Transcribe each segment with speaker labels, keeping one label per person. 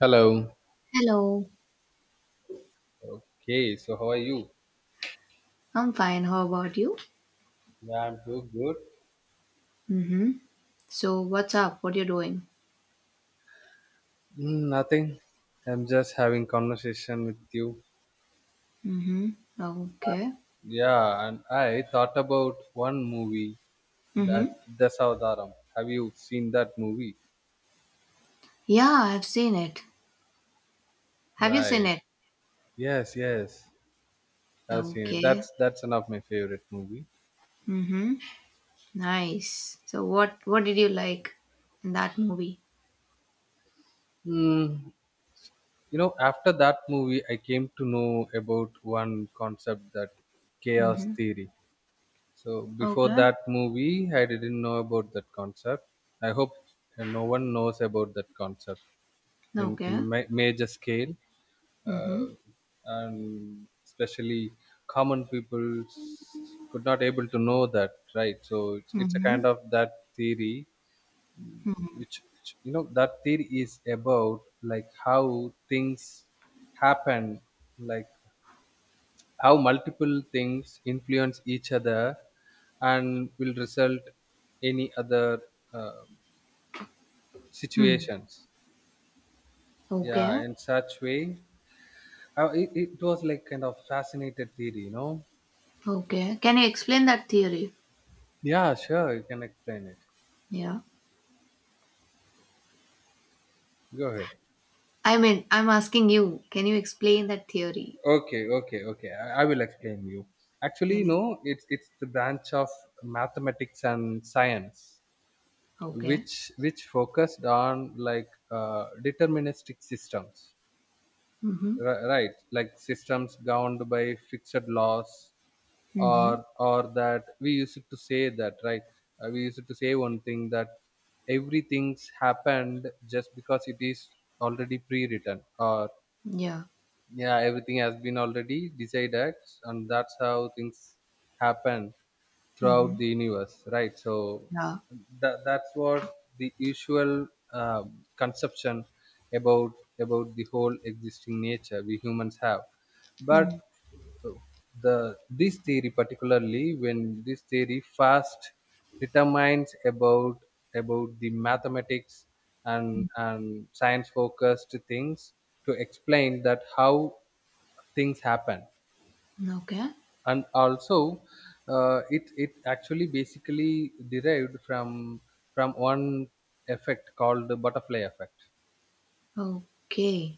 Speaker 1: Hello.
Speaker 2: Hello,
Speaker 1: Okay, so how are you?
Speaker 2: I'm fine. How about you?
Speaker 1: Yeah, I'm doing good.
Speaker 2: Mm-hmm. So what's up? What you doing?
Speaker 1: Nothing. I'm just having conversation with you.
Speaker 2: Mm-hmm. Okay.
Speaker 1: Yeah, and I thought about one movie
Speaker 2: Mm-hmm.
Speaker 1: that Dasavataram. Have you seen that movie?
Speaker 2: Yeah, I've seen it. Have you seen
Speaker 1: Right.
Speaker 2: it?
Speaker 1: Yes. I've seen it.
Speaker 2: Okay.
Speaker 1: That's one of my favorite movie.
Speaker 2: Mm-hmm. Nice. So what did you like in that movie?
Speaker 1: Mm, you know, after that movie, I came to know about one concept: that chaos
Speaker 2: Mm-hmm.
Speaker 1: theory. So before
Speaker 2: Okay.
Speaker 1: that movie, I didn't know about that concept. I hope no one knows about that concept in a
Speaker 2: Okay.
Speaker 1: major scale,
Speaker 2: Mm-hmm.
Speaker 1: uh, and especially common people could not able to know that, right? So it's a
Speaker 2: Mm-hmm.
Speaker 1: kind of that theory,
Speaker 2: Mm-hmm.
Speaker 1: which, you know, that theory is about like how things happen, like how multiple things influence each other and will result any other uh,
Speaker 2: Hmm.
Speaker 1: situations,
Speaker 2: Okay.
Speaker 1: yeah, in such way. It was like kind of fascinated theory, you know.
Speaker 2: Okay. Can you explain that theory?
Speaker 1: Yeah, sure, you can explain it,
Speaker 2: Yeah.
Speaker 1: go ahead.
Speaker 2: I mean, I'm asking you, can you explain that theory?
Speaker 1: Okay, I will explain you. Actually
Speaker 2: Yes.
Speaker 1: no, it's the branch of mathematics and science,
Speaker 2: Okay.
Speaker 1: which focused on like deterministic systems.
Speaker 2: Mm-hmm.
Speaker 1: Right, like systems governed by fixed laws.
Speaker 2: Mhm.
Speaker 1: Or that we used to say that, right? We used to say one thing, that everything's happened just because it is already pre-written, or
Speaker 2: Yeah.
Speaker 1: yeah, everything has been already decided, and that's how things happen throughout
Speaker 2: Mhm.
Speaker 1: the universe, right? So
Speaker 2: Yeah.
Speaker 1: that's what the usual conception about the whole existing nature we humans have. But
Speaker 2: Mm.
Speaker 1: the this theory, particularly when this theory first determines about the mathematics and science focused things to explain that how things happen.
Speaker 2: Okay.
Speaker 1: And also it it actually basically derived from one effect called the butterfly effect.
Speaker 2: Okay.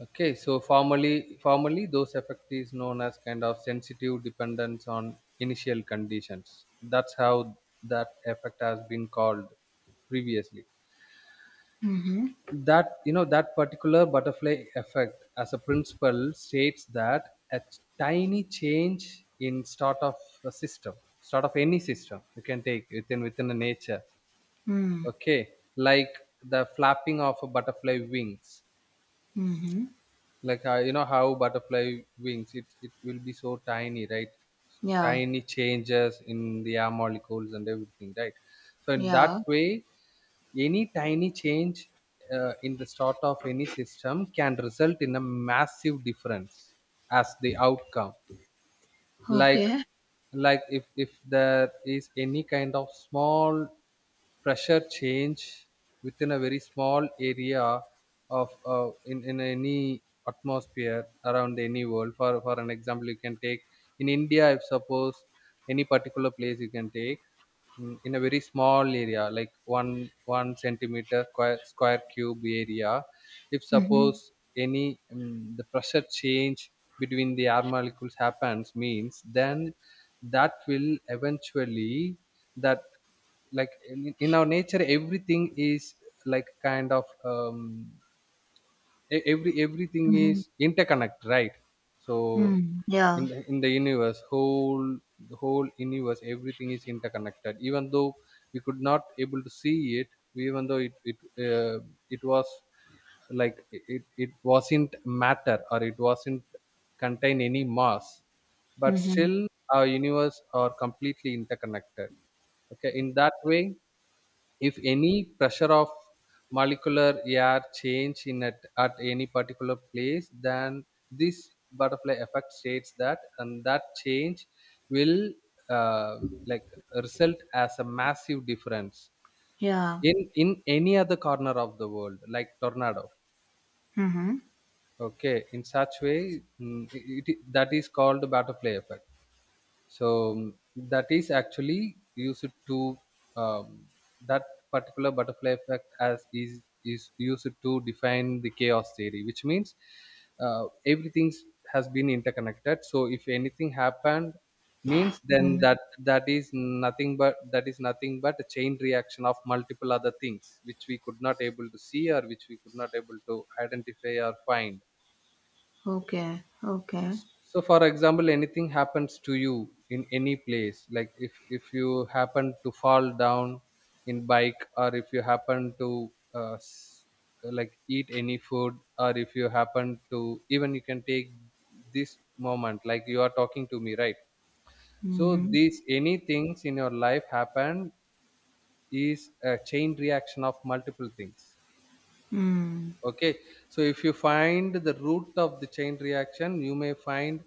Speaker 1: Okay, so formally, those effect is known as kind of sensitive dependence on initial conditions. That's how that effect has been called previously.
Speaker 2: Mhm.
Speaker 1: That, you know, that particular butterfly effect as a principle states that a tiny change in start of a system, start of any system you can take within the nature.
Speaker 2: Mm.
Speaker 1: Okay, like the flapping of a butterfly wings,
Speaker 2: Mhm.
Speaker 1: like you know how butterfly wings, it will be so tiny, right?
Speaker 2: Yeah.
Speaker 1: Tiny changes in the air molecules and everything, right? So in that
Speaker 2: Yeah.
Speaker 1: way, any tiny change in the start of any system can result in a massive difference as the outcome. like
Speaker 2: Okay.
Speaker 1: like if there is any kind of small pressure change within a very small area of in any atmosphere around any world. For an example you can take, in india, if suppose any particular place you can take, in a very small area like one centimeter square, square cube area, if suppose
Speaker 2: Mhm.
Speaker 1: any the pressure change between the air molecules happens, means then that will eventually, that like in our nature, everything is like kind of everything is
Speaker 2: Mhm.
Speaker 1: interconnect, right? So
Speaker 2: Mm.
Speaker 1: in
Speaker 2: Yeah.
Speaker 1: in the universe whole, the whole universe, everything is interconnected, even though we could not able to see it, even though it uh, it was like it wasn't matter or it wasn't contain any mass, but
Speaker 2: Mhm.
Speaker 1: still our universe are completely interconnected. Okay, in that way, if any pressure of molecular air change in at any particular place, then this butterfly effect states that and that change will uh, like result as a massive difference
Speaker 2: Yeah.
Speaker 1: in any other corner of the world, like tornado.
Speaker 2: Mhm.
Speaker 1: Okay, in such way, that is called butterfly effect. So that is actually used to um, that particular butterfly effect as is used to define the chaos theory, which means everything has been interconnected. So if anything happened, means then
Speaker 2: Mm.
Speaker 1: that is nothing but a chain reaction of multiple other things which we could not able to see or which we could not able to identify or find.
Speaker 2: Okay. Okay.
Speaker 1: So for example, anything happens to you in any place, like if you happen to fall down in bike, or if you happen to like eat any food, or if you happen to, even you can take this moment, like you are talking to me, right? So
Speaker 2: Mhm.
Speaker 1: these any things in your life happen is a chain reaction of multiple things.
Speaker 2: Mm.
Speaker 1: Okay, so if you find the root of the chain reaction, you may find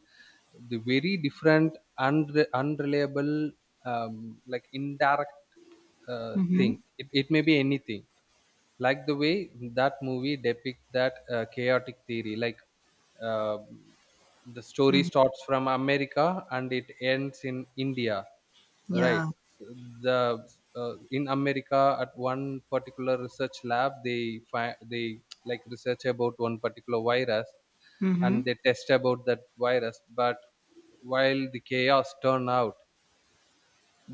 Speaker 1: the very different unreliable like indirect
Speaker 2: Mhm.
Speaker 1: thing. It may be anything, like the way that movie depict that chaotic theory. Like uh, the story
Speaker 2: Mm.
Speaker 1: starts from America and it ends in India. Right.
Speaker 2: Yeah.
Speaker 1: So The in America at one particular research lab, they they like research about one particular virus and
Speaker 2: Mhm.
Speaker 1: they test about that virus. But while the chaos turn out,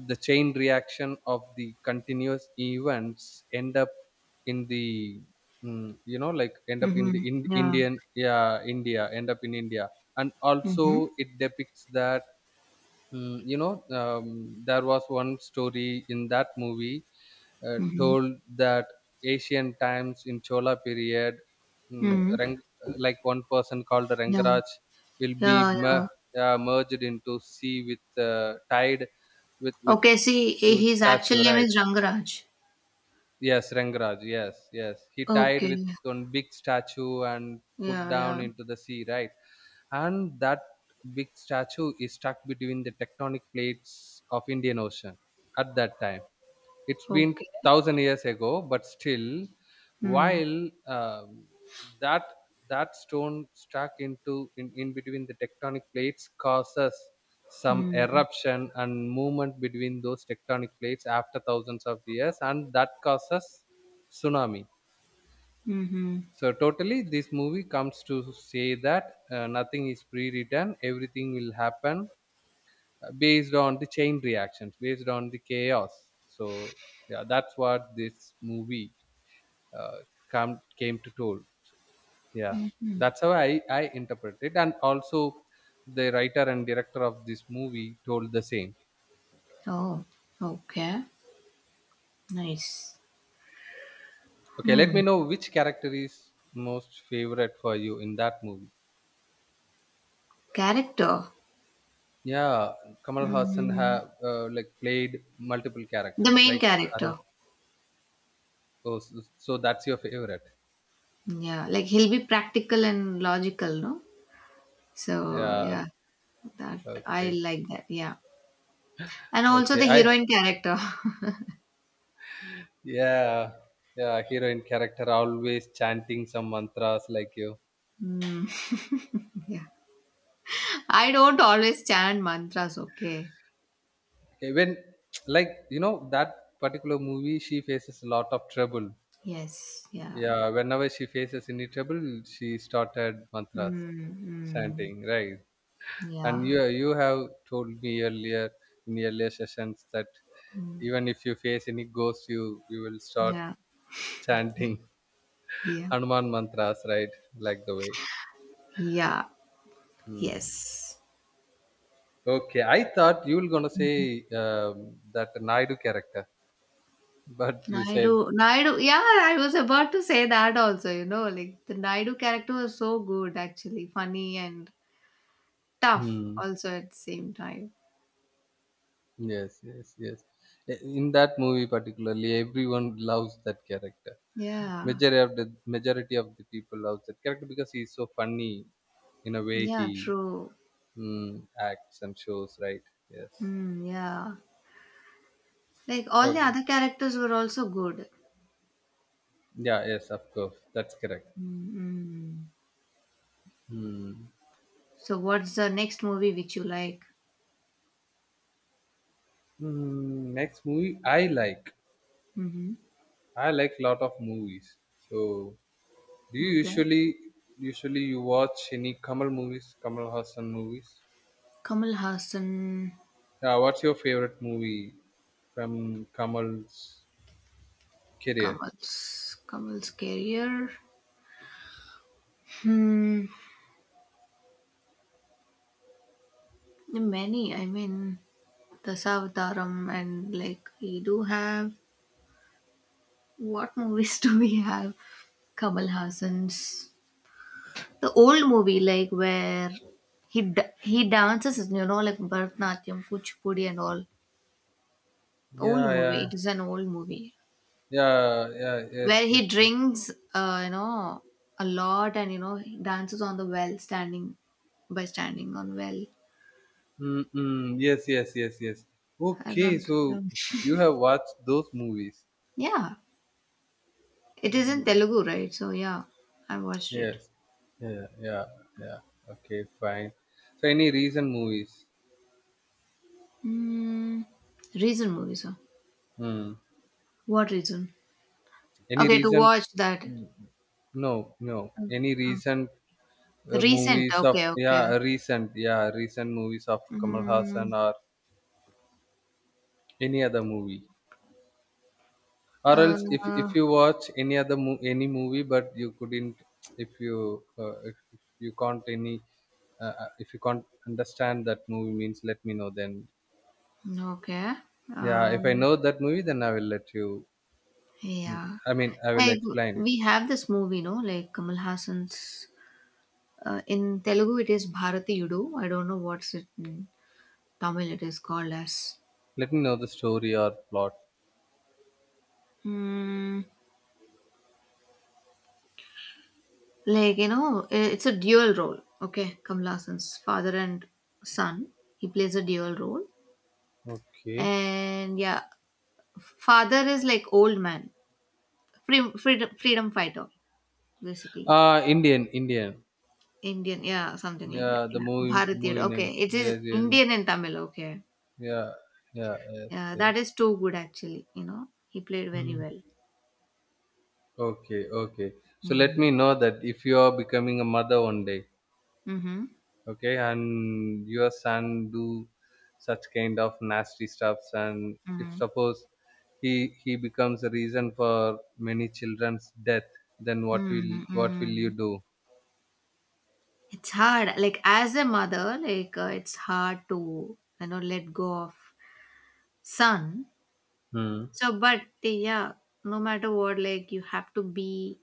Speaker 1: the chain reaction of the continuous events end up in you know, like end up in the
Speaker 2: Mhm.
Speaker 1: in,
Speaker 2: Yeah.
Speaker 1: Indian yeah India end up in India. And
Speaker 2: Mhm.
Speaker 1: also it depicts that, you know, there was one story in that movie
Speaker 2: Mhm.
Speaker 1: told that ancient times in Chola period, mm,
Speaker 2: Mm.
Speaker 1: Rang, like one person called
Speaker 2: Yeah.
Speaker 1: Rangaraj will be
Speaker 2: Yeah. Yeah.
Speaker 1: merged into sea with tide with
Speaker 2: Okay. See,
Speaker 1: huge
Speaker 2: his
Speaker 1: statue,
Speaker 2: actual name
Speaker 1: right?
Speaker 2: is Rangaraj.
Speaker 1: Yes, Rangaraj. Yes. He tied
Speaker 2: Okay.
Speaker 1: with one big statue and put
Speaker 2: Yeah,
Speaker 1: down
Speaker 2: yeah.
Speaker 1: into the sea, right? And that big statue is stuck between the tectonic plates of Indian Ocean. At that time it's been
Speaker 2: Okay.
Speaker 1: 1,000 years ago, but still,
Speaker 2: Hmm.
Speaker 1: while um, that that stone stuck into in between the tectonic plates causes some
Speaker 2: Hmm.
Speaker 1: eruption and movement between those tectonic plates after thousands of years, and that causes tsunami.
Speaker 2: Mm-hmm.
Speaker 1: So totally, this movie comes to say that nothing is pre-written. Everything will happen based on the chain reactions, based on the chaos. So yeah, that's what this movie uh, come came to told. Yeah, that's how I interpret it, and also the writer and director of this movie told the same.
Speaker 2: Oh, okay. Nice.
Speaker 1: Okay, let
Speaker 2: Hmm.
Speaker 1: me know which character is most favorite for you in that movie.
Speaker 2: Character.
Speaker 1: Yeah, Kamal Hassan
Speaker 2: Mm-hmm.
Speaker 1: have like played multiple
Speaker 2: The
Speaker 1: characters.
Speaker 2: main
Speaker 1: Like I don't.
Speaker 2: character.
Speaker 1: Oh, so, so that's your favorite.
Speaker 2: Yeah, like he'll be practical and logical, no? So,
Speaker 1: Yeah.
Speaker 2: yeah, that I
Speaker 1: Okay.
Speaker 2: like that. Yeah. And also
Speaker 1: Okay.
Speaker 2: the
Speaker 1: I.
Speaker 2: heroine character.
Speaker 1: Yeah. Yeah. Heroine character always chanting some mantras like you.
Speaker 2: Hmm. Yeah. I don't always chant mantras, okay?
Speaker 1: Okay. When like you know that particular movie, she faces a lot of trouble.
Speaker 2: Yes. Yeah.
Speaker 1: Yeah. Whenever she faces any trouble, she started mantras
Speaker 2: Mm-hmm.
Speaker 1: chanting. Right. And
Speaker 2: Yeah.
Speaker 1: you have told me earlier, in earlier sessions, that even if you face any ghost, you will start
Speaker 2: Yeah.
Speaker 1: chanting
Speaker 2: Yeah.
Speaker 1: Hanuman mantras, right, like the way.
Speaker 2: Yeah,
Speaker 1: Hmm.
Speaker 2: yes.
Speaker 1: Okay, I thought you were gonna say that Naidu character but you said,
Speaker 2: Naidu, Naidu, yeah, I was about to say that also, you know, like the Naidu character was so good actually, funny and tough
Speaker 1: hmm,
Speaker 2: also at the same time.
Speaker 1: yes. In that movie particularly, everyone loves that character.
Speaker 2: Yeah,
Speaker 1: Majority of the, majority of the people loves that character because he's so funny in a way
Speaker 2: yeah,
Speaker 1: he
Speaker 2: true.
Speaker 1: mm, acts and shows, right? Yes.
Speaker 2: Yeah, like all the
Speaker 1: Okay,
Speaker 2: other characters were also good.
Speaker 1: yeah, yes, of course, that's correct.
Speaker 2: Mm-hmm.
Speaker 1: Hmm.
Speaker 2: So, what's the next movie which you like?
Speaker 1: Hmm, next movie I like.
Speaker 2: Mm-hmm.
Speaker 1: I like a lot of movies. So do you
Speaker 2: Okay,
Speaker 1: usually you watch any Kamal movies, Kamal Hassan movies?
Speaker 2: Kamal Hassan,
Speaker 1: Yeah, what's your favorite movie from Kamal's career?
Speaker 2: Kamal's career. Hmm, many. I mean, the Savdaram and like we do have what movies do we have? Kamal Hassan's the old movie like where he dances, you know, like Bharatanatyam, Kuchipudi and all. Old
Speaker 1: Yeah,
Speaker 2: movie.
Speaker 1: yeah,
Speaker 2: It is an old movie
Speaker 1: yeah, yeah, yes,
Speaker 2: where
Speaker 1: yes,
Speaker 2: he
Speaker 1: yes.
Speaker 2: drinks, you know, a lot, and you know he dances on the well, standing by standing on well.
Speaker 1: Mm-mm, yes, yes, yes, yes.
Speaker 2: I
Speaker 1: Okay,
Speaker 2: don't
Speaker 1: so
Speaker 2: remember.
Speaker 1: you have watched those movies.
Speaker 2: Yeah, it is in
Speaker 1: Hmm.
Speaker 2: Telugu, right? So yeah, I watched it.
Speaker 1: Yes. Yeah. Yeah. Yeah. Okay. Fine. So, any recent movies?
Speaker 2: Mm, recent movies, huh?
Speaker 1: Hmm.
Speaker 2: What reason?
Speaker 1: Any
Speaker 2: Okay, to
Speaker 1: recent?
Speaker 2: watch that.
Speaker 1: No. No.
Speaker 2: Oh,
Speaker 1: Any
Speaker 2: oh.
Speaker 1: recent
Speaker 2: Recent.
Speaker 1: movies of
Speaker 2: Okay, okay.
Speaker 1: yeah recent movies of Kamal Hassan
Speaker 2: Mm,
Speaker 1: or any other movie? Or else, if
Speaker 2: uh,
Speaker 1: you watch any other any movie, but you couldn't, if you can't any if you can't understand that movie means, let me know. Then
Speaker 2: okay.
Speaker 1: yeah, if I
Speaker 2: Um,
Speaker 1: know that movie, then I will let you. Mm.
Speaker 2: yeah.
Speaker 1: I mean, I will
Speaker 2: Like
Speaker 1: explain it.
Speaker 2: we have this movie, no? Like Kamal Hassan's. In Telugu, it is Bharati Yudu. I don't know what's it in Tamil. It is called as.
Speaker 1: Let me know the story or plot.
Speaker 2: Mm, like, you know, it's a dual role. Okay, Kamal Hassan's father and son. He plays a dual role.
Speaker 1: Okay.
Speaker 2: And yeah, father is like old man, freedom fighter basically.
Speaker 1: Uh, Indian.
Speaker 2: Indian, yeah, something like that,
Speaker 1: Yeah, the
Speaker 2: yeah. Bharatiyar,
Speaker 1: movie
Speaker 2: okay,
Speaker 1: name.
Speaker 2: it is
Speaker 1: Yes.
Speaker 2: Indian and Tamil, okay.
Speaker 1: Yeah, yeah, yes,
Speaker 2: Yeah,
Speaker 1: yes.
Speaker 2: that is too good actually, you know, he played very
Speaker 1: Mm.
Speaker 2: well.
Speaker 1: Okay, okay. So let
Speaker 2: Mm.
Speaker 1: me know that, if you are becoming a mother one day,
Speaker 2: Mm-hmm.
Speaker 1: okay, and your son do such kind of nasty stuffs, and if
Speaker 2: Mm-hmm.
Speaker 1: suppose he becomes a reason for many children's death, then what will
Speaker 2: Mm-hmm.
Speaker 1: you do?
Speaker 2: It's hard, like as a mother, like it's hard to, you know, let go of son.
Speaker 1: Hmm.
Speaker 2: So, but yeah, no matter what, like you have to be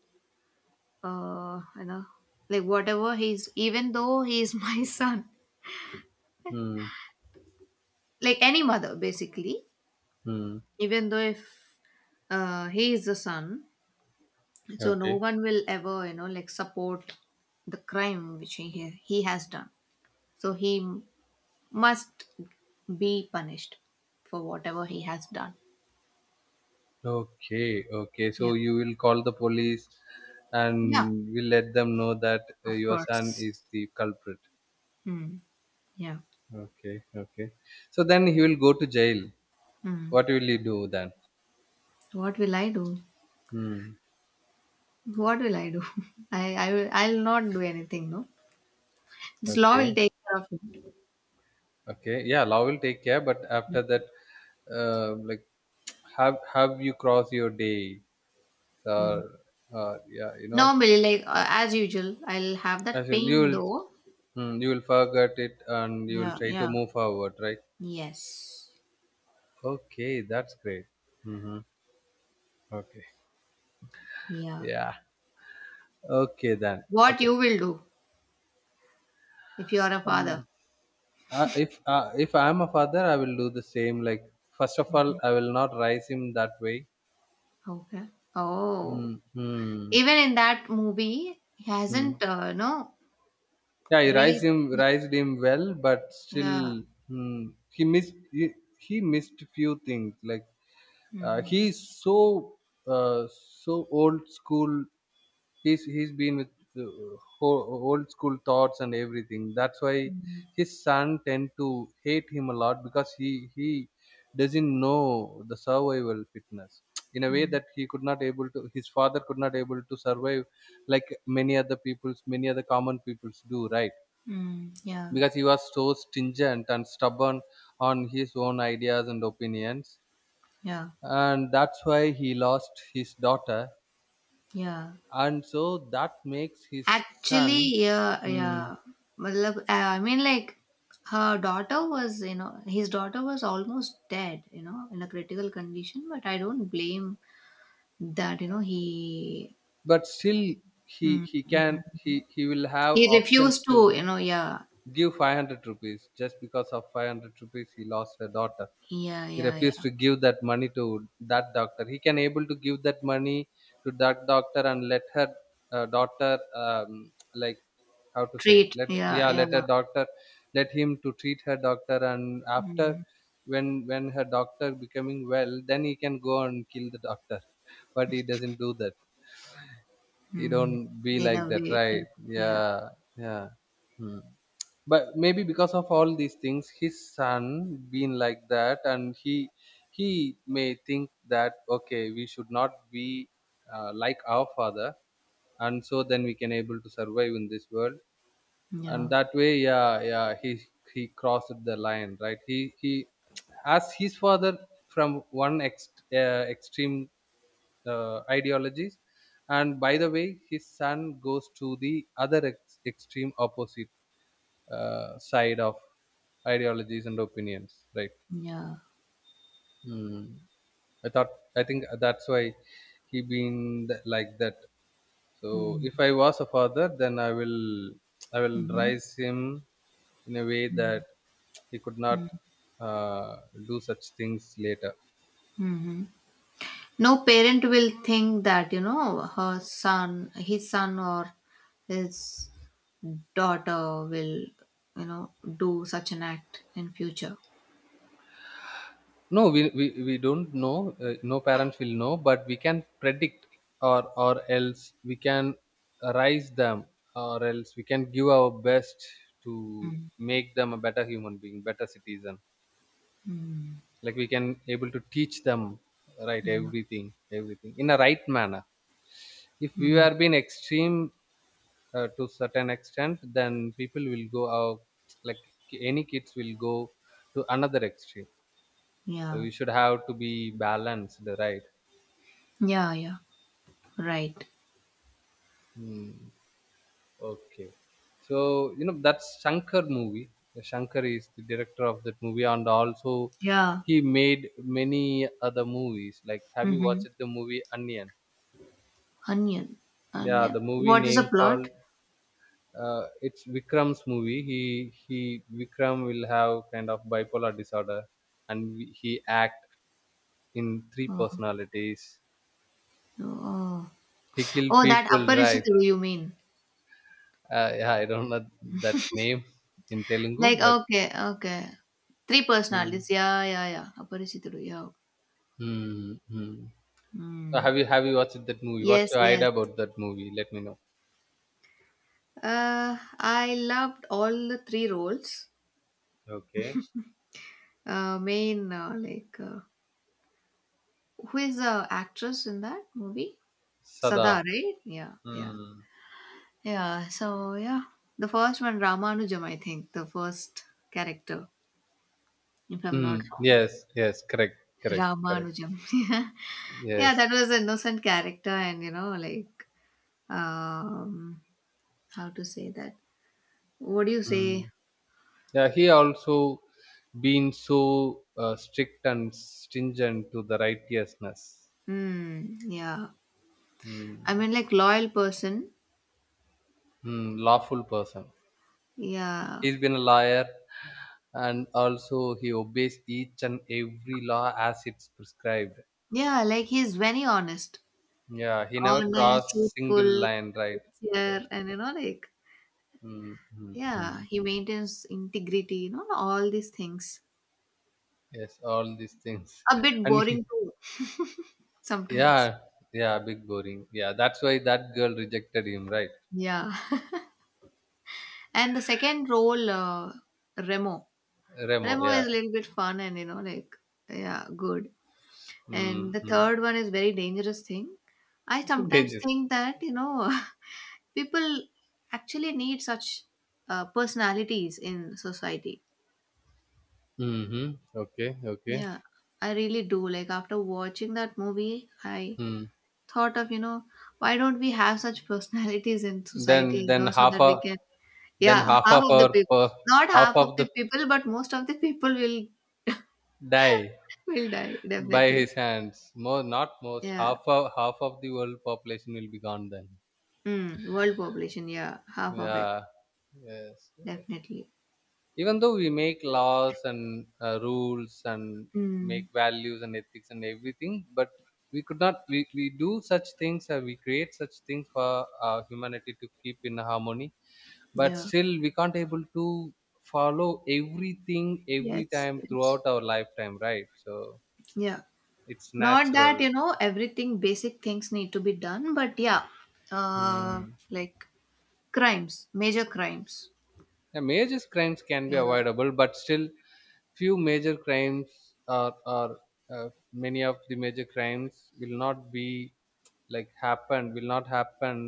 Speaker 2: you know, like whatever he's, even though he's my son,
Speaker 1: Hmm.
Speaker 2: like any mother basically,
Speaker 1: Hmm.
Speaker 2: even though if he is the son, so no
Speaker 1: Okay.
Speaker 2: one will ever, you know, like support the crime which he has done. So he must be punished for whatever he has done.
Speaker 1: Okay. Okay.
Speaker 2: Yeah.
Speaker 1: So you will call the police
Speaker 2: Yeah,
Speaker 1: and will let them know that
Speaker 2: of
Speaker 1: your son
Speaker 2: course.
Speaker 1: is the culprit.
Speaker 2: Hmm. Yeah.
Speaker 1: Okay. Okay. So then he will go to jail.
Speaker 2: Hmm.
Speaker 1: What will he do then?
Speaker 2: What will I do?
Speaker 1: Hmm.
Speaker 2: What will I do? I'll not do anything, no, this law will
Speaker 1: Okay.
Speaker 2: take care of it.
Speaker 1: Okay. Yeah. Law will take care. But after that, like, have you crossed your day?
Speaker 2: Mm.
Speaker 1: Or, or yeah, you know,
Speaker 2: Normally, like as usual, I'll have that
Speaker 1: as in you
Speaker 2: pain
Speaker 1: will,
Speaker 2: though.
Speaker 1: hmm, you will forget it and you will
Speaker 2: Yeah,
Speaker 1: try to
Speaker 2: yeah.
Speaker 1: move forward, right?
Speaker 2: Yes.
Speaker 1: Okay, that's great. Hmm. Okay.
Speaker 2: Yeah.
Speaker 1: Yeah. Okay then.
Speaker 2: What
Speaker 1: Okay.
Speaker 2: you will do if you are a father.
Speaker 1: Um. If I am a father, I will do the same. Like first of all, I will not raise him that way.
Speaker 2: Okay. Oh.
Speaker 1: Mm, Hmm.
Speaker 2: Even in that movie, he
Speaker 1: Mm.
Speaker 2: hasn't, no,
Speaker 1: Yeah, he raised
Speaker 2: raised
Speaker 1: him
Speaker 2: his.
Speaker 1: raised him well, but still,
Speaker 2: Yeah.
Speaker 1: Hmm. He missed few things. Like
Speaker 2: Mm,
Speaker 1: he is so so old school. He's been with uh, old school thoughts and everything. That's why
Speaker 2: mm,
Speaker 1: his son tend to hate him a lot because he doesn't know the survival fitness in a way
Speaker 2: mm,
Speaker 1: that he could not able to his father could not able to survive like many other peoples, many other common peoples do, right?
Speaker 2: mm, yeah.
Speaker 1: Because he was so stringent and stubborn on his own ideas and opinions,
Speaker 2: Yeah.
Speaker 1: and that's why he lost his daughter,
Speaker 2: Yeah.
Speaker 1: and so that makes his
Speaker 2: Actually,
Speaker 1: son.
Speaker 2: yeah,
Speaker 1: Hmm.
Speaker 2: yeah. Matlab, I mean, like, her daughter was, you know, his daughter was almost dead, you know, in a critical condition. But I don't blame that, you know, he,
Speaker 1: But still,
Speaker 2: mm,
Speaker 1: he can he will have
Speaker 2: he
Speaker 1: options
Speaker 2: refused
Speaker 1: to
Speaker 2: to, you know, yeah,
Speaker 1: give 500 rupees. Just because of 500 rupees, he lost a daughter.
Speaker 2: yeah,
Speaker 1: He
Speaker 2: yeah,
Speaker 1: refused
Speaker 2: yeah,
Speaker 1: to give that money to that doctor. He can able to give that money to that doctor and let her daughter, like, how to say,
Speaker 2: treat,
Speaker 1: let,
Speaker 2: yeah,
Speaker 1: yeah, let
Speaker 2: yeah,
Speaker 1: her doctor, let him to treat her doctor, and after
Speaker 2: mm,
Speaker 1: when her doctor becoming well, then he can go and kill the doctor. But he doesn't do that. He don't
Speaker 2: mm,
Speaker 1: be
Speaker 2: in a
Speaker 1: like that,
Speaker 2: way, yeah,
Speaker 1: right?
Speaker 2: yeah,
Speaker 1: Yeah, yeah. Hmm. But maybe because of all these things, his son been like that, and he may think that okay, we should not be like our father, and so then we can able to survive in this world, and
Speaker 2: yeah,
Speaker 1: that way, yeah, yeah, he crossed the line, right? He as his father, from one extreme ideologies, and by the way, his son goes to the other extreme opposite side of ideologies and opinions, right?
Speaker 2: yeah.
Speaker 1: Hmm. I think that's why he been like that. So
Speaker 2: Mm.
Speaker 1: if I was a father, then I will
Speaker 2: Mm-hmm.
Speaker 1: raise him in a way
Speaker 2: Mm-hmm.
Speaker 1: that he could not uh, do such things later.
Speaker 2: Mm-hmm. No parent will think that, you know, her son, his son or his daughter will, you know, do such an act in future.
Speaker 1: No, we don't know. No parents will know, but we can predict, or else we can raise them, or else we can give our best to
Speaker 2: Mm.
Speaker 1: make them a better human being, better citizen.
Speaker 2: Mm.
Speaker 1: Like we can able to teach them right,
Speaker 2: Yeah.
Speaker 1: everything, everything in a right manner. If we
Speaker 2: Mm.
Speaker 1: are being extreme to certain extent, then people will go out, like, any kids will go to another extreme, so
Speaker 2: Yeah.
Speaker 1: we should have to be balanced, right?
Speaker 2: Yeah, yeah. Right.
Speaker 1: Hmm. Okay, so you know that's Shankar movie. Shankar is the director of that movie, and also
Speaker 2: Yeah.
Speaker 1: he made many other movies. Like, have you
Speaker 2: Mm-hmm.
Speaker 1: watched the movie Onion?
Speaker 2: Onion.
Speaker 1: Yeah,
Speaker 2: Onion.
Speaker 1: the movie
Speaker 2: What is a
Speaker 1: name called,
Speaker 2: plot?
Speaker 1: it's Vikram's movie. He Vikram will have kind of bipolar disorder, and he act in three
Speaker 2: Oh,
Speaker 1: personalities.
Speaker 2: oh.
Speaker 1: He kill
Speaker 2: Oh, that
Speaker 1: people, right?
Speaker 2: Aparishituru you mean.
Speaker 1: Yeah, I don't know that name in Telugu,
Speaker 2: Like,
Speaker 1: but
Speaker 2: okay, okay. Three
Speaker 1: mm,
Speaker 2: personalities. Yeah, yeah, yeah. Aparishituru, yeah.
Speaker 1: mm, mm. So
Speaker 2: Hmm.
Speaker 1: have you watched that movie? What's
Speaker 2: Yes,
Speaker 1: your
Speaker 2: yes.
Speaker 1: idea about that movie? Let me know.
Speaker 2: I loved all the three roles.
Speaker 1: Okay,
Speaker 2: Main, like, who is the actress in that movie?
Speaker 1: Sada.
Speaker 2: Sada, right? Yeah, yeah.
Speaker 1: Hmm.
Speaker 2: Yeah, so yeah. The first one, Ramanujam, I think, the first character, if I'm not
Speaker 1: Mm.
Speaker 2: wrong.
Speaker 1: Yes, yes, correct, correct, correct.
Speaker 2: Ramanujam. Yeah,
Speaker 1: Yes.
Speaker 2: that was an innocent character, and you know, like, um, how to say that? What do you say?
Speaker 1: Yeah, he also been so strict and stringent to the righteousness,
Speaker 2: Hmm, yeah. I
Speaker 1: mm,
Speaker 2: mean, like, loyal person.
Speaker 1: mm, lawful person.
Speaker 2: Yeah.
Speaker 1: He's been a lawyer, and also he obeys each and every law as it's prescribed.
Speaker 2: Yeah, like he's very honest.
Speaker 1: Yeah, he never
Speaker 2: Honest,
Speaker 1: crossed single
Speaker 2: truthful,
Speaker 1: line, right? Yes.
Speaker 2: sincere, and you know, like,
Speaker 1: Mm, mm, mm.
Speaker 2: yeah, he maintains integrity, you know, all these things.
Speaker 1: Yes, all these things,
Speaker 2: A bit
Speaker 1: and he,
Speaker 2: boring too, sometimes.
Speaker 1: yeah, yeah, big boring. Yeah, that's why that girl rejected him, right?
Speaker 2: Yeah. And the second role, Remo.
Speaker 1: Remo,
Speaker 2: Remo
Speaker 1: yeah.
Speaker 2: is a little bit fun and, you know, like, yeah, good. And the
Speaker 1: Mm-hmm.
Speaker 2: third one is very dangerous thing. I sometimes think that, you know, people actually need such personalities in society.
Speaker 1: Mhm. Okay. Okay.
Speaker 2: Yeah, I really do. Like after watching that movie, I
Speaker 1: Hmm.
Speaker 2: thought of, you know, why don't we have such personalities in
Speaker 1: Then
Speaker 2: society, you
Speaker 1: then
Speaker 2: know, so
Speaker 1: half
Speaker 2: that we
Speaker 1: of,
Speaker 2: can,
Speaker 1: then
Speaker 2: yeah,
Speaker 1: half
Speaker 2: half
Speaker 1: of
Speaker 2: of the
Speaker 1: our
Speaker 2: people,
Speaker 1: per,
Speaker 2: not
Speaker 1: half
Speaker 2: half of
Speaker 1: of the
Speaker 2: the people, but most of the people will
Speaker 1: die
Speaker 2: will die
Speaker 1: by
Speaker 2: definitely.
Speaker 1: his hands. More, not most,
Speaker 2: Yeah.
Speaker 1: half of, half of the world population will be gone then.
Speaker 2: Mm, world population, yeah, half of it
Speaker 1: Yeah. Yes. Yes.
Speaker 2: definitely.
Speaker 1: Even though we make laws and rules and
Speaker 2: Mm,
Speaker 1: make values and ethics and everything, but we could not we, we do such things, we create such things for humanity to keep in harmony, but
Speaker 2: yeah.
Speaker 1: still we can't able to follow everything every
Speaker 2: Yes,
Speaker 1: time
Speaker 2: yes.
Speaker 1: throughout our lifetime, right? So
Speaker 2: Yeah.
Speaker 1: it's
Speaker 2: Not that,
Speaker 1: natural.
Speaker 2: you know, everything basic things need to be done, but yeah, uh,
Speaker 1: Hmm.
Speaker 2: like crimes, major crimes.
Speaker 1: Yeah, major crimes can be
Speaker 2: Yeah.
Speaker 1: avoidable, but still few major crimes, or many of the major crimes will not be like happen, will not happen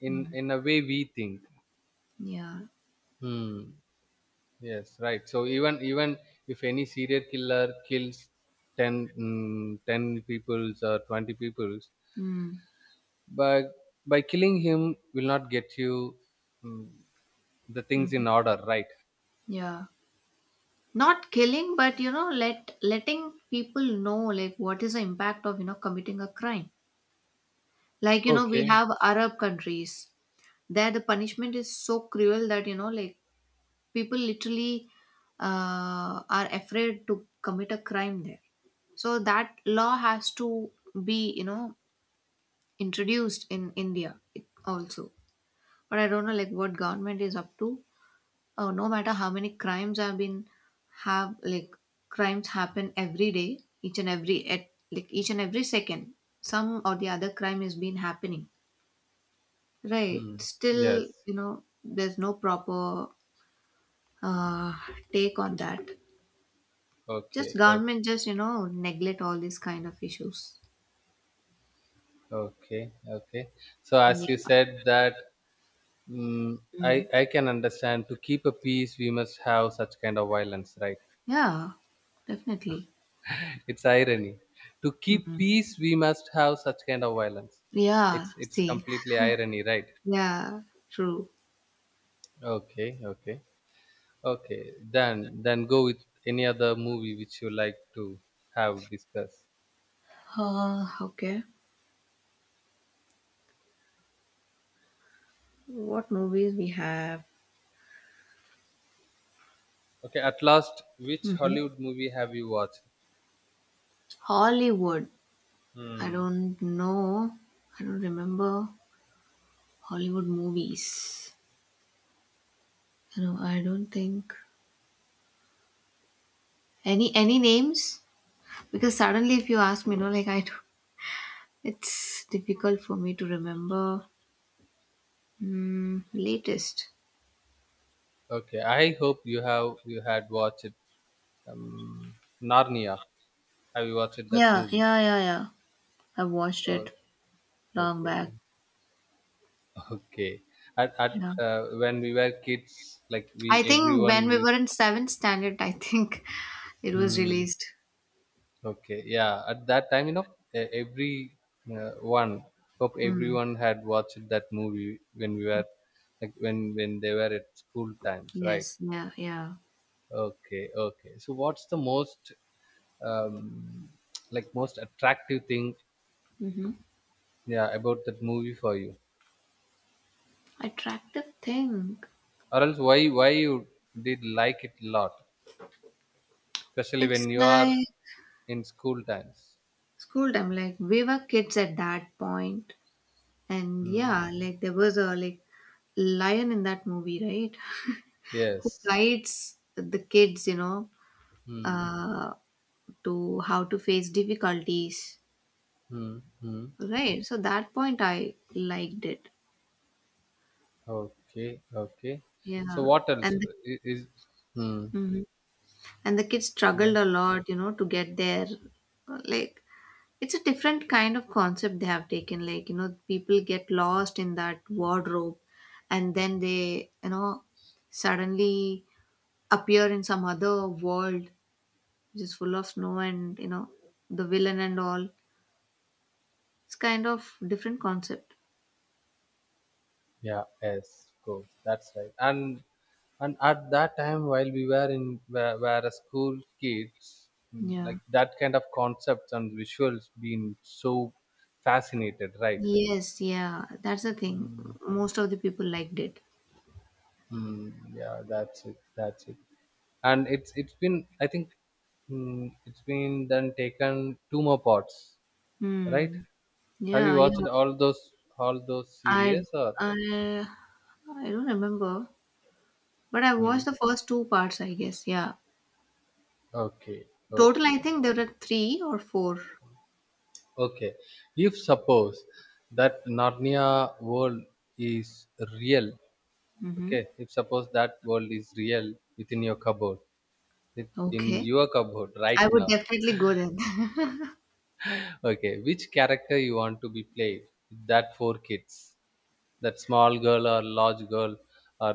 Speaker 2: Mm.
Speaker 1: in a way we think.
Speaker 2: Yeah.
Speaker 1: Hmm. Yes, right. So even if any serial killer kills 10, mm, 10 peoples or 20 peoples,
Speaker 2: Mm.
Speaker 1: but by killing him will not get you, mm, the things in
Speaker 2: Mhm.
Speaker 1: order, right?
Speaker 2: Yeah. Not killing, but you know, letting people know like what is the impact of, you know, committing a crime. Like, you know, we
Speaker 1: Okay.
Speaker 2: have Arab countries. There, the punishment is so cruel that, you know, like people literally are afraid to commit a crime there. So that law has to be, you know, introduced in India also. But I don't know like what government is up to. Oh, no matter how many crimes have been have like, crimes happen every day, each and every, at like each and every second, some or the other crime has been happening, right?
Speaker 1: Mm. Yes.
Speaker 2: Still, you know, there's no proper uh, take on that. Just
Speaker 1: Okay. Okay.
Speaker 2: government just, you know, neglect all these kind of issues.
Speaker 1: Okay. Okay. So as you
Speaker 2: Yeah.
Speaker 1: said that, mm, I
Speaker 2: Mm.
Speaker 1: I can understand, to keep a peace, we must have such kind of violence, right?
Speaker 2: Yeah, definitely.
Speaker 1: It's irony. To keep
Speaker 2: Mhm.
Speaker 1: peace, we must have such kind of violence.
Speaker 2: Yeah,
Speaker 1: It's
Speaker 2: see.
Speaker 1: completely irony, right?
Speaker 2: Yeah, true.
Speaker 1: Okay, okay, okay. Then go with any other movie which you like to have discussed.
Speaker 2: Okay, what movies we have.
Speaker 1: Okay, at last, which Hollywood movie have you watched?
Speaker 2: Hollywood. I
Speaker 1: Hmm.
Speaker 2: don't know. I don't remember Hollywood movies. You know, I don't think any names, because suddenly if you ask me, you know, like I, it's difficult for me to remember, mm, latest.
Speaker 1: Okay, I hope you had watched um, Narnia. Have you watched that
Speaker 2: Yeah,
Speaker 1: movie?
Speaker 2: yeah, yeah, yeah. I watched
Speaker 1: Oh,
Speaker 2: it long
Speaker 1: okay,
Speaker 2: back.
Speaker 1: okay. At
Speaker 2: Yeah,
Speaker 1: when we were kids, like, we
Speaker 2: I think
Speaker 1: everyone
Speaker 2: when we
Speaker 1: used.
Speaker 2: were in seventh standard, I think it was
Speaker 1: Hmm.
Speaker 2: released.
Speaker 1: Okay. Yeah. At that time, you know, e- every one hope
Speaker 2: Mm.
Speaker 1: everyone had watched that movie when we were like, when they were at school times, right?
Speaker 2: Yes, yeah, yeah.
Speaker 1: Okay. Okay. So, what's the most um, like most attractive thing?
Speaker 2: Mm-hmm.
Speaker 1: Yeah, about that movie for you,
Speaker 2: Attractive thing.
Speaker 1: or else why you did like it a lot, especially
Speaker 2: It's
Speaker 1: when you are
Speaker 2: like
Speaker 1: in school times.
Speaker 2: school time, like we were kids at that point, and
Speaker 1: Hmm.
Speaker 2: yeah, like there was a like lion in that movie, right? Who
Speaker 1: Yes.
Speaker 2: guides the kids, you know,
Speaker 1: Hmm.
Speaker 2: uh, to how to face difficulties,
Speaker 1: Hmm. Hmm.
Speaker 2: right? So that point I liked it,
Speaker 1: Okay, okay. So
Speaker 2: yeah.
Speaker 1: what else
Speaker 2: And the,
Speaker 1: is? Hmm.
Speaker 2: Mhm. and the kids
Speaker 1: Yeah.
Speaker 2: struggled a lot, you know, to get their like, it's a different kind of concept they have taken, like you know people get lost in that wardrobe and then they, you know, suddenly appear in some other world which is full of snow and you know the villain and all, it's kind of different concept.
Speaker 1: Yeah. Yes. Of course. That's right. And at that time, while we were in were, were a school kids, mm,
Speaker 2: Yeah,
Speaker 1: like that kind of concepts and visuals been so fascinated, right?
Speaker 2: yes yeah, that's the thing,
Speaker 1: Mm,
Speaker 2: most of the people liked it.
Speaker 1: mm, yeah. That's it. That's it. And it's been, I think, mm, it's been then taken two more parts, right?
Speaker 2: Hmm.
Speaker 1: Have
Speaker 2: Yeah,
Speaker 1: you
Speaker 2: yeah.
Speaker 1: watched all those, all those
Speaker 2: i
Speaker 1: series or?
Speaker 2: i i don't remember, but I watched
Speaker 1: Mm,
Speaker 2: the first two parts, I guess, yeah.
Speaker 1: okay,
Speaker 2: Total, I
Speaker 1: okay,
Speaker 2: think there are three or 4.
Speaker 1: okay. If suppose that Narnia world is real,
Speaker 2: Mm-hmm.
Speaker 1: okay, if suppose that world is real within
Speaker 2: Okay.
Speaker 1: your cupboard right
Speaker 2: I would
Speaker 1: now,
Speaker 2: definitely go there.
Speaker 1: okay, which character you want to be played? With that four kids, that small girl or large girl, or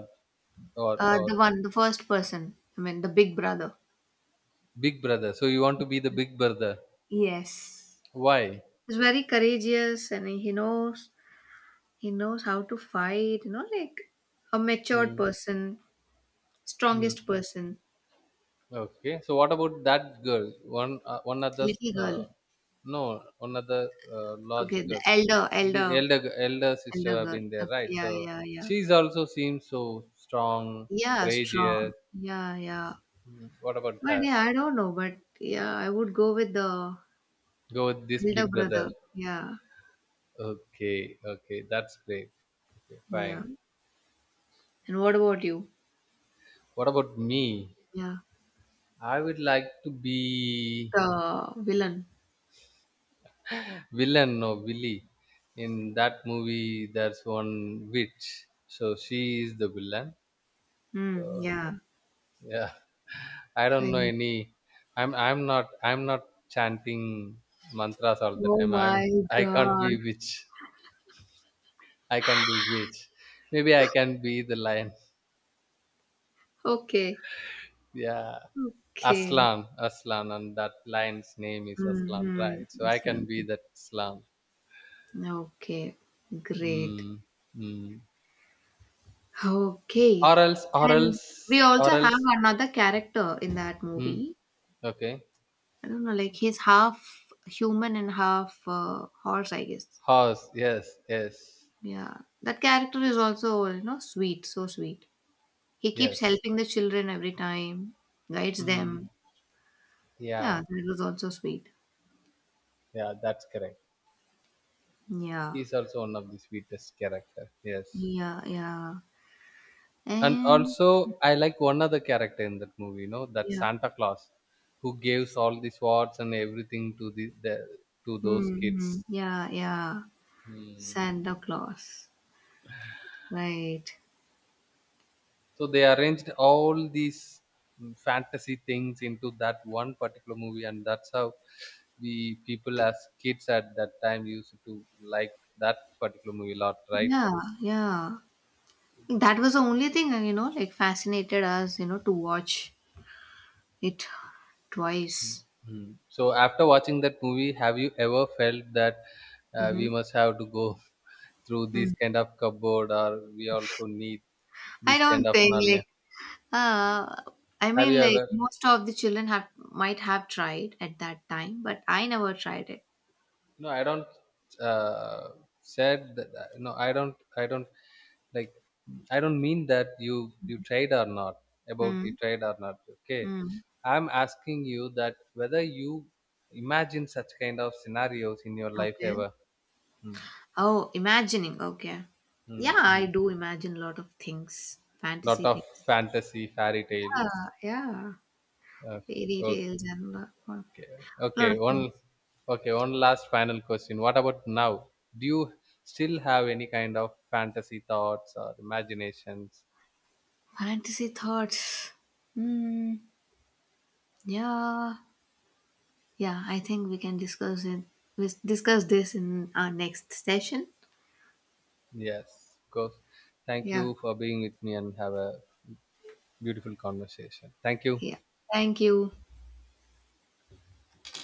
Speaker 1: or
Speaker 2: The one, the first person, I mean, the big brother.
Speaker 1: big brother. So you want to be the big brother?
Speaker 2: Yes.
Speaker 1: Why?
Speaker 2: He's very courageous and he knows how to fight, you know, like a matured person, strongest
Speaker 1: Mm.
Speaker 2: person,
Speaker 1: Okay, so what about that girl? One, one other,
Speaker 2: little girl.
Speaker 1: uh, no, one other large
Speaker 2: Okay, the
Speaker 1: girl, the elder elder sister
Speaker 2: elder
Speaker 1: have
Speaker 2: girl.
Speaker 1: been there,
Speaker 2: Okay,
Speaker 1: right?
Speaker 2: yeah,
Speaker 1: So
Speaker 2: yeah, yeah.
Speaker 1: she's also seems so strong,
Speaker 2: Yeah,
Speaker 1: courageous.
Speaker 2: strong. Yeah, yeah.
Speaker 1: Mm, what about
Speaker 2: But
Speaker 1: her?
Speaker 2: yeah, I don't know, but yeah, I would go with the
Speaker 1: Go with this
Speaker 2: elder
Speaker 1: big brother.
Speaker 2: brother. Yeah.
Speaker 1: Okay, okay, that's great. Okay,
Speaker 2: Yeah.
Speaker 1: fine.
Speaker 2: And what about you?
Speaker 1: What about me?
Speaker 2: Yeah.
Speaker 1: I would like to be
Speaker 2: The villain.
Speaker 1: villain or Willy. In that movie, there's one witch. So she is the villain.
Speaker 2: Hmm.
Speaker 1: Uh,
Speaker 2: Yeah.
Speaker 1: Yeah, I
Speaker 2: I
Speaker 1: don't know
Speaker 2: know.
Speaker 1: any. I'm not chanting mantras all the
Speaker 2: Oh
Speaker 1: time.
Speaker 2: my
Speaker 1: I'm, I can't be
Speaker 2: God.
Speaker 1: witch. I can't be witch. Maybe I can be the lion.
Speaker 2: Okay.
Speaker 1: Yeah,
Speaker 2: Okay.
Speaker 1: Aslan, Aslan, and that lion's name is Aslan,
Speaker 2: Mm-hmm.
Speaker 1: right? So I can
Speaker 2: Islam.
Speaker 1: be that Aslan.
Speaker 2: Okay. Great.
Speaker 1: Mm, mm.
Speaker 2: Okay.
Speaker 1: Or else, or
Speaker 2: And we
Speaker 1: else,
Speaker 2: also
Speaker 1: or
Speaker 2: have
Speaker 1: else.
Speaker 2: another character in that
Speaker 1: Mm,
Speaker 2: movie.
Speaker 1: okay,
Speaker 2: I don't know, like he's half human and half horse, I guess.
Speaker 1: horse. Yes, yes,
Speaker 2: Yeah. That character is also, you know, sweet, so sweet. He keeps
Speaker 1: yes.
Speaker 2: helping the children every time, guides
Speaker 1: Mm,
Speaker 2: them.
Speaker 1: yeah,
Speaker 2: Yeah, that was also sweet.
Speaker 1: yeah. That's correct.
Speaker 2: Yeah,
Speaker 1: He's also one of the sweetest character, yes.
Speaker 2: yeah, yeah.
Speaker 1: And
Speaker 2: And
Speaker 1: also, I like one other character in that movie, you know, that
Speaker 2: yeah,
Speaker 1: Santa Claus, who gives all the swords and everything to the, to those
Speaker 2: hmm,
Speaker 1: kids.
Speaker 2: yeah, yeah.
Speaker 1: Hmm.
Speaker 2: Santa Claus, right?
Speaker 1: So they arranged all these, mm, fantasy things into that one particular movie, and that's how we people as kids at that time used to like that particular movie a lot, right?
Speaker 2: Yeah, yeah. That was the only thing, you know, like fascinated us, you know, to watch it twice.
Speaker 1: Mhm. So after watching that movie, have you ever felt that
Speaker 2: Mm-hmm.
Speaker 1: we must have to go through this
Speaker 2: Mm.
Speaker 1: kind of cupboard, or we also need
Speaker 2: I
Speaker 1: this kind
Speaker 2: don't
Speaker 1: of
Speaker 2: think
Speaker 1: Narnia?
Speaker 2: like uh I
Speaker 1: Have you
Speaker 2: mean, like
Speaker 1: ever?
Speaker 2: most of the children have might have tried at that time, but I never tried it.
Speaker 1: No, I don't. Uh, Said that, no, I don't. I don't like. I don't mean that you tried or not, about
Speaker 2: Hmm.
Speaker 1: you tried or not. Okay,
Speaker 2: Mm.
Speaker 1: I'm asking you that whether you imagine such kind of scenarios in your life
Speaker 2: Okay.
Speaker 1: ever. Mm.
Speaker 2: Oh, imagining. Okay. Yeah, I
Speaker 1: Mm.
Speaker 2: do imagine a lot of things,
Speaker 1: Lot
Speaker 2: fantasy
Speaker 1: of
Speaker 2: things.
Speaker 1: fantasy fairy tales.
Speaker 2: Yeah, yeah.
Speaker 1: Uh,
Speaker 2: Fairy tales
Speaker 1: okay,
Speaker 2: and a lot,
Speaker 1: okay,
Speaker 2: lot
Speaker 1: okay,
Speaker 2: of things.
Speaker 1: one okay, one last final question. What about now? Do you still have any kind of fantasy thoughts or imaginations?
Speaker 2: Fantasy thoughts. Hmm. Yeah. Yeah, I think we can discuss it. We discuss this in our next session.
Speaker 1: Yes, of course. Thank
Speaker 2: Yeah.
Speaker 1: you for being with me and have a beautiful conversation. Thank you.
Speaker 2: Yeah. Thank you.